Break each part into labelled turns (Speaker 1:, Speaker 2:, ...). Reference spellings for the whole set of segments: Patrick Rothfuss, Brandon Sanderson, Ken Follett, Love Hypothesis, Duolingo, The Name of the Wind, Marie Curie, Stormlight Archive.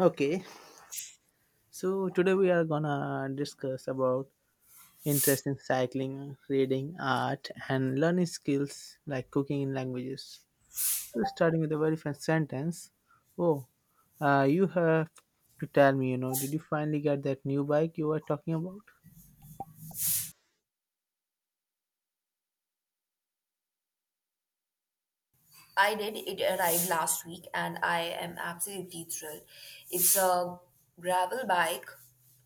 Speaker 1: Okay, so today we are gonna discuss about interest in cycling, reading, art, and learning skills like cooking in languages. So starting with the very first sentence, oh, you have to tell me, you know, did you finally get that new bike you were talking about?
Speaker 2: I did. It arrived last week and I am absolutely thrilled. It's a gravel bike,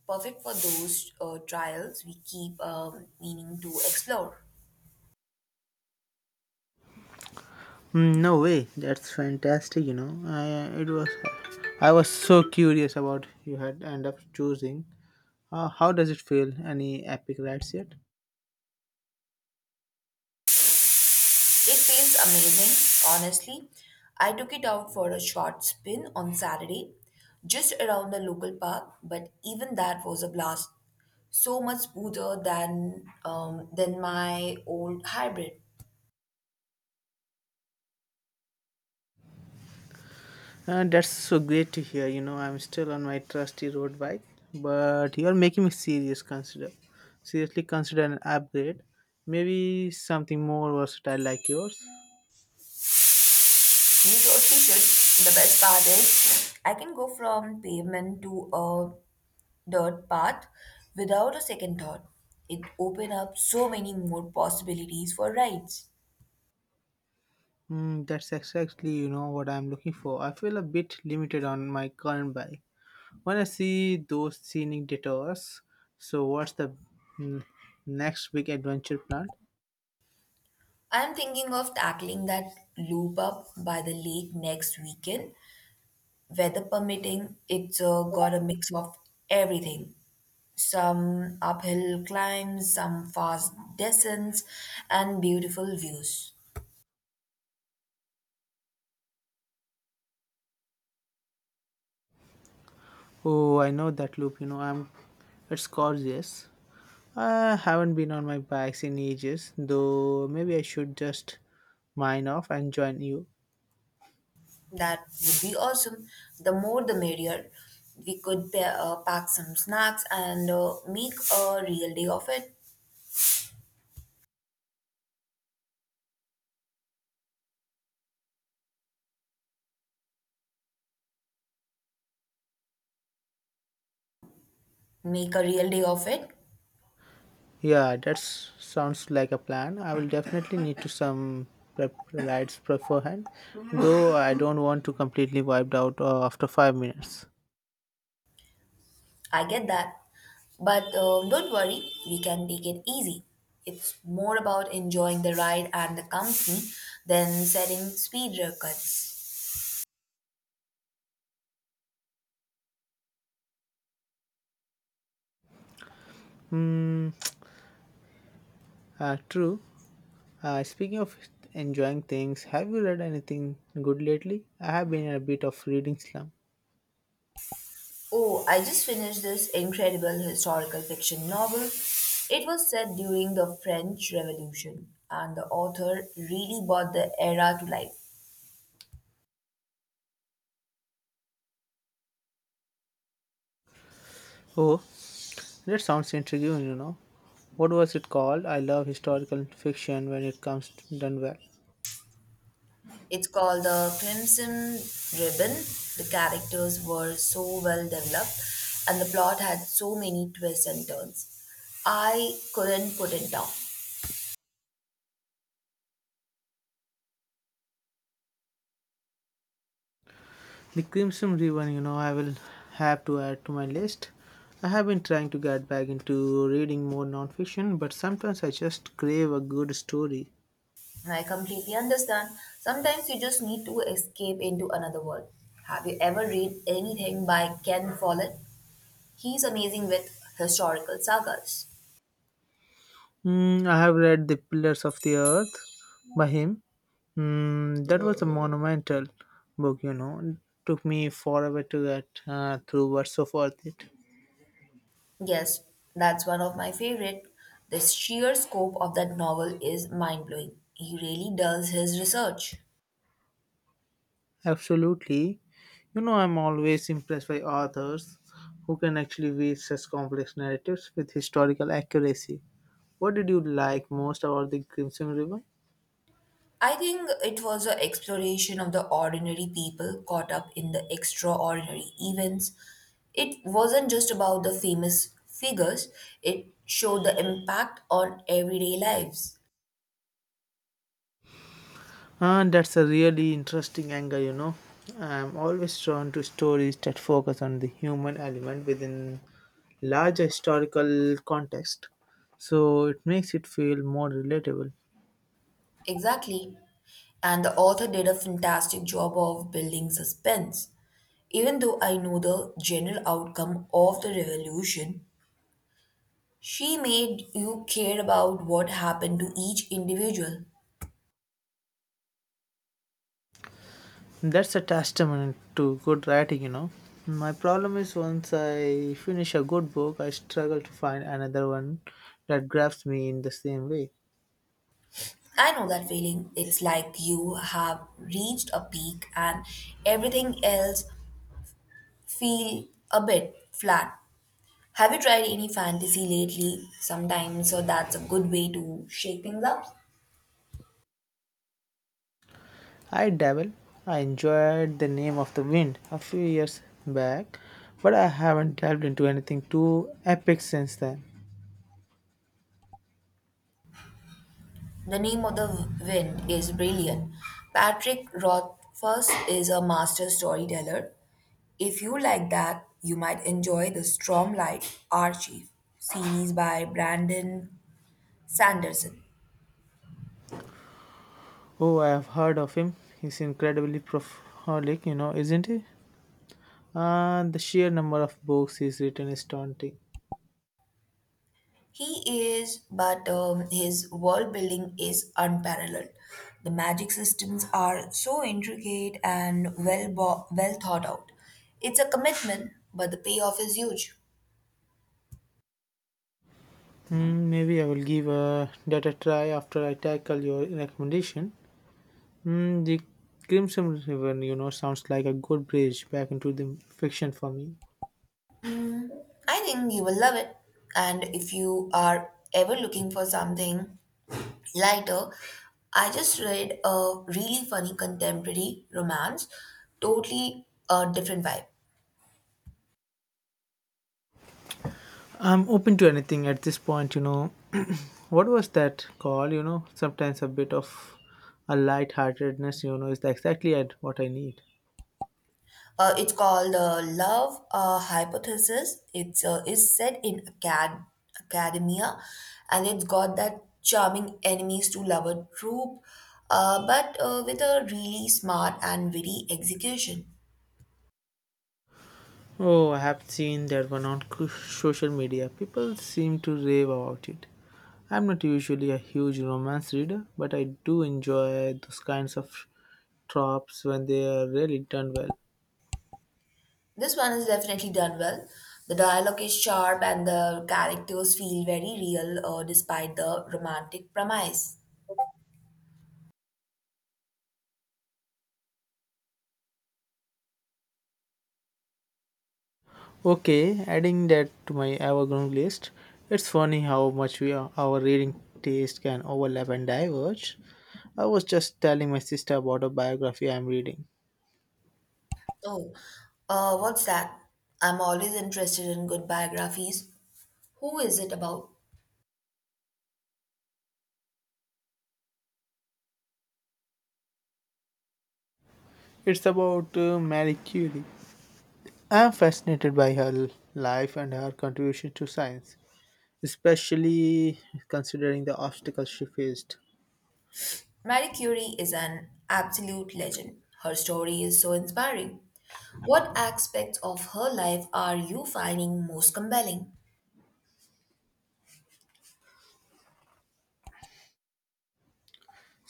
Speaker 2: perfect for those trials we keep meaning to explore.
Speaker 1: Mm, no way, that's fantastic, you know. I was so curious about you had end up choosing. How does it feel? Any epic rides yet?
Speaker 2: It feels amazing, honestly. I took it out for a short spin on Saturday, just around the local park, but even that was a blast. So much smoother than than my old hybrid.
Speaker 1: That's so great to hear. You know, I'm still on my trusty road bike, but you're making me seriously consider an upgrade, maybe something more versatile like yours.
Speaker 2: You taught me good. The best part is, I can go from pavement to a dirt path without a second thought. It opened up so many more possibilities for rides.
Speaker 1: Mm, that's exactly you know what I'm looking for. I feel a bit limited on my current bike. When I see those scenic detours, so what's the mm, next big adventure plan?
Speaker 2: I'm thinking of tackling that loop up by the lake next weekend. Weather permitting, it's got a mix of everything, some uphill climbs, some fast descents, and beautiful views.
Speaker 1: Oh, I know that loop. You know, I'm. It's gorgeous. I haven't been on my bikes in ages, though. Maybe I should just mine off and join you.
Speaker 2: That would be awesome. The more the merrier. We could pack some snacks and make a real day of it. Make a real day of it.
Speaker 1: Yeah, that sounds like a plan. I will definitely need to some prep rides beforehand, though I don't want to completely wiped out after 5 minutes.
Speaker 2: I get that. But don't worry, we can take it easy. It's more about enjoying the ride and the company than setting speed records.
Speaker 1: Hmm. True. Speaking of enjoying things, have you read anything good lately? I have been in a bit of reading slump.
Speaker 2: Oh, I just finished this incredible historical fiction novel. It was set during the French Revolution, and the author really brought the era to life.
Speaker 1: Oh, that sounds intriguing, you know. What was it called? I love historical fiction when it comes done well.
Speaker 2: It's called The Crimson Ribbon. The characters were so well developed and the plot had so many twists and turns. I couldn't put it down.
Speaker 1: The Crimson Ribbon, you know, I will have to add to my list. I have been trying to get back into reading more nonfiction, but sometimes I just crave a good story.
Speaker 2: And I completely understand. Sometimes you just need to escape into another world. Have you ever read anything by Ken Follett? He's amazing with historical sagas.
Speaker 1: Mm, I have read The Pillars of the Earth by him. Mm, that was a monumental book, you know. It took me forever to get through what's so worth it.
Speaker 2: Yes, that's one of my favorite. The sheer scope of that novel is mind blowing. He really does his research.
Speaker 1: Absolutely. You know, I'm always impressed by authors who can actually weave such complex narratives with historical accuracy. What did you like most about the Crimson River?
Speaker 2: I think it was an exploration of the ordinary people caught up in the extraordinary events. It wasn't just about the famous figures, it showed the impact on everyday lives.
Speaker 1: Ah, that's a really interesting angle, you know. I'm always drawn to stories that focus on the human element within larger historical context, so it makes it feel more relatable.
Speaker 2: Exactly. And the author did a fantastic job of building suspense. Even though I know the general outcome of the revolution, she made you care about what happened to each individual.
Speaker 1: That's a testament to good writing, you know. My problem is once I finish a good book, I struggle to find another one that grabs me in the same way.
Speaker 2: I know that feeling. It's like you have reached a peak and everything else feel a bit flat. Have you tried any fantasy lately? Sometimes, so that's a good way to shake things up.
Speaker 1: I dabble. I enjoyed The Name of the Wind a few years back, but I haven't delved into anything too epic since then.
Speaker 2: The Name of the Wind is brilliant. Patrick Rothfuss is a master storyteller. If you like that, you might enjoy the Stormlight Archive series by Brandon Sanderson.
Speaker 1: Oh, I have heard of him. He's incredibly prolific, you know, isn't he? The sheer number of books he's written is daunting.
Speaker 2: He is, but his world building is unparalleled. The magic systems are so intricate and well thought out. It's a commitment, but the payoff is huge.
Speaker 1: Hmm, maybe I will give that a try after I tackle your recommendation. Hmm, the Crimson River, you know, sounds like a good bridge back into the fiction for me.
Speaker 2: I think you will love it. And if you are ever looking for something lighter, I just read a really funny contemporary romance, totally a different vibe.
Speaker 1: I'm open to anything at this point, you know. What was that call? You know, sometimes a bit of a lightheartedness, you know, is exactly at what I need.
Speaker 2: It's called Love Hypothesis. It's is set in academia, and it's got that charming enemies to lover trope, but with a really smart and witty execution.
Speaker 1: Oh, I have seen that one on social media. People seem to rave about it. I'm not usually a huge romance reader, but I do enjoy those kinds of tropes when they are really done well.
Speaker 2: This one is definitely done well. The dialogue is sharp, and the characters feel very real, despite the romantic premise.
Speaker 1: Okay, adding that to my evergreen list, it's funny how much our reading taste can overlap and diverge. I was just telling my sister about a biography I'm reading.
Speaker 2: Oh, what's that? I'm always interested in good biographies. Who is it about?
Speaker 1: It's about Marie Curie. I'm fascinated by her life and her contribution to science, especially considering the obstacles she faced.
Speaker 2: Marie Curie is an absolute legend. Her story is so inspiring. What aspects of her life are you finding most compelling?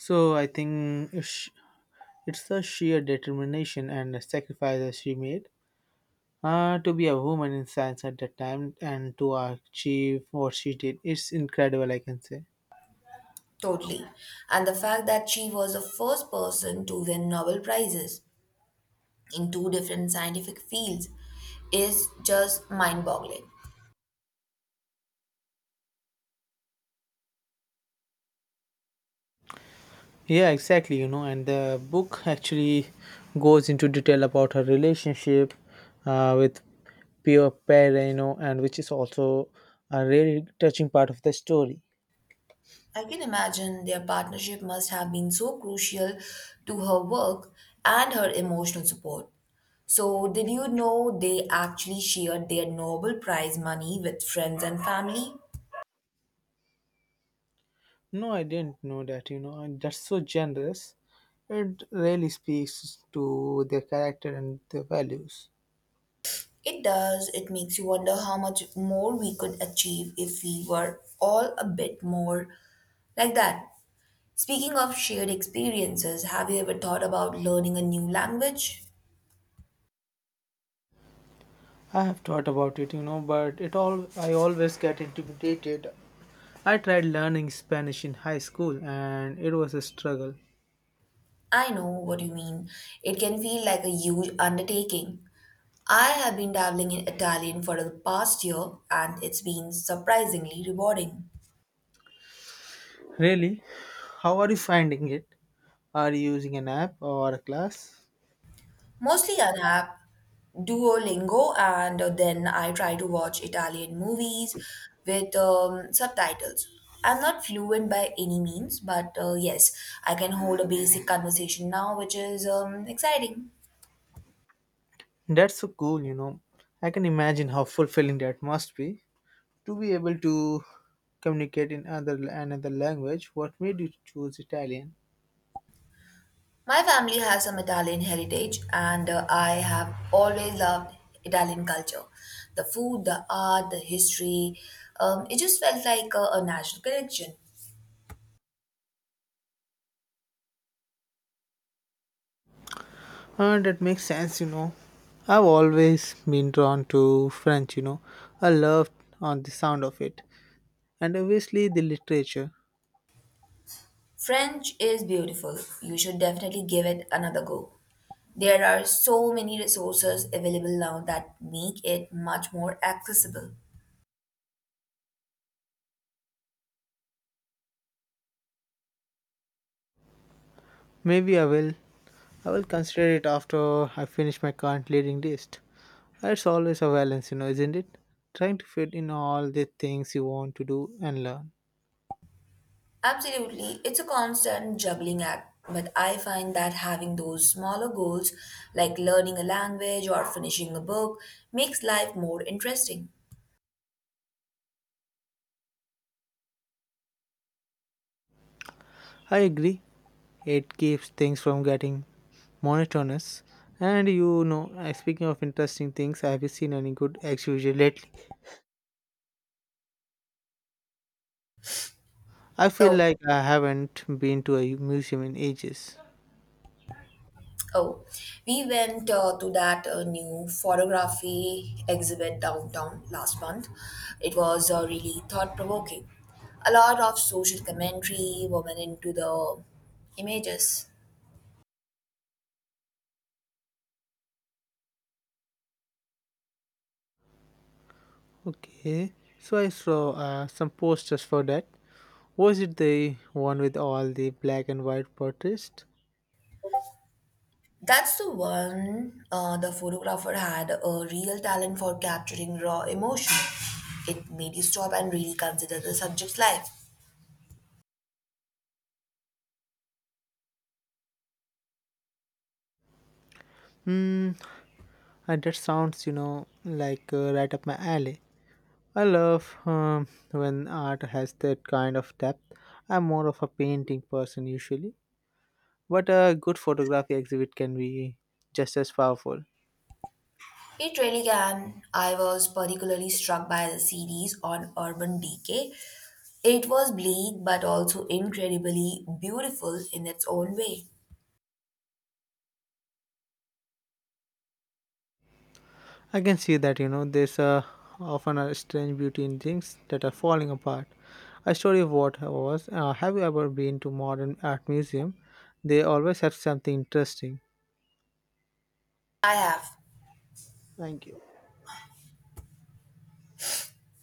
Speaker 1: So I think it's the sheer determination and sacrifices she made to be a woman in science at that time and to achieve what she did. It's incredible, I can say.
Speaker 2: Totally. And the fact that she was the first person to win Nobel Prizes in two different scientific fields is just mind boggling.
Speaker 1: Yeah, exactly. You know, and the book actually goes into detail about her relationship with Pio Pere, you know, and which is also a really touching part of the story.
Speaker 2: I can imagine their partnership must have been so crucial to her work and her emotional support. So, did you know they actually shared their Nobel Prize money with friends and family?
Speaker 1: No, I didn't know that, you know, and that's so generous. It really speaks to their character and their values.
Speaker 2: It does. It makes you wonder how much more we could achieve if we were all a bit more like that. Speaking of shared experiences, have you ever thought about learning a new language?
Speaker 1: I have thought about it, you know, but it all I always get intimidated. I tried learning Spanish in high school and it was a struggle.
Speaker 2: I know what you mean. It can feel like a huge undertaking. I have been dabbling in Italian for the past year and it's been surprisingly rewarding.
Speaker 1: Really? How are you finding it? Are you using an app or a class?
Speaker 2: Mostly an app, Duolingo, and then I try to watch Italian movies with subtitles. I'm not fluent by any means, but yes, I can hold a basic conversation now, which is exciting.
Speaker 1: That's so cool, you know. I can imagine how fulfilling that must be to be able to communicate in other another language. What made you choose Italian?
Speaker 2: My family has some Italian heritage, and I have always loved Italian culture. The food, the art, the history. It just felt like a national connection.
Speaker 1: That makes sense, you know. I've always been drawn to French, you know. I loved on the sound of it, and obviously the literature.
Speaker 2: French is beautiful. You should definitely give it another go. There are so many resources available now that make it much more accessible.
Speaker 1: Maybe I will. I will consider it after I finish my current leading list. It's always a balance, you know, isn't it? Trying to fit in all the things you want to do and learn.
Speaker 2: Absolutely, it's a constant juggling act, but I find that having those smaller goals, like learning a language or finishing a book, makes life more interesting.
Speaker 1: I agree. It keeps things from getting monotonous. And you know, speaking of interesting things, have you seen any good exhibition lately? I feel
Speaker 2: Oh.
Speaker 1: like I haven't been to a museum in ages.
Speaker 2: Oh, we went to that new photography exhibit downtown last month. It was really thought provoking. A lot of social commentary woven into the images.
Speaker 1: Okay, so I saw some posters for that. Was it the one with all the black and white portraits?
Speaker 2: That's the one, the photographer had a real talent for capturing raw emotion. It made you stop and really consider the subject's life.
Speaker 1: Hmm, and that sounds, you know, like right up my alley. I love when art has that kind of depth. I'm more of a painting person usually, but a good photography exhibit can be just as powerful.
Speaker 2: It really can. I was particularly struck by the series on urban decay. It was bleak but also incredibly beautiful in its own way.
Speaker 1: I can see that, you know, there's often a strange beauty in things that are falling apart. A story of what was. Have you ever been to modern art museum? They always have something interesting.
Speaker 2: I have
Speaker 1: Thank you.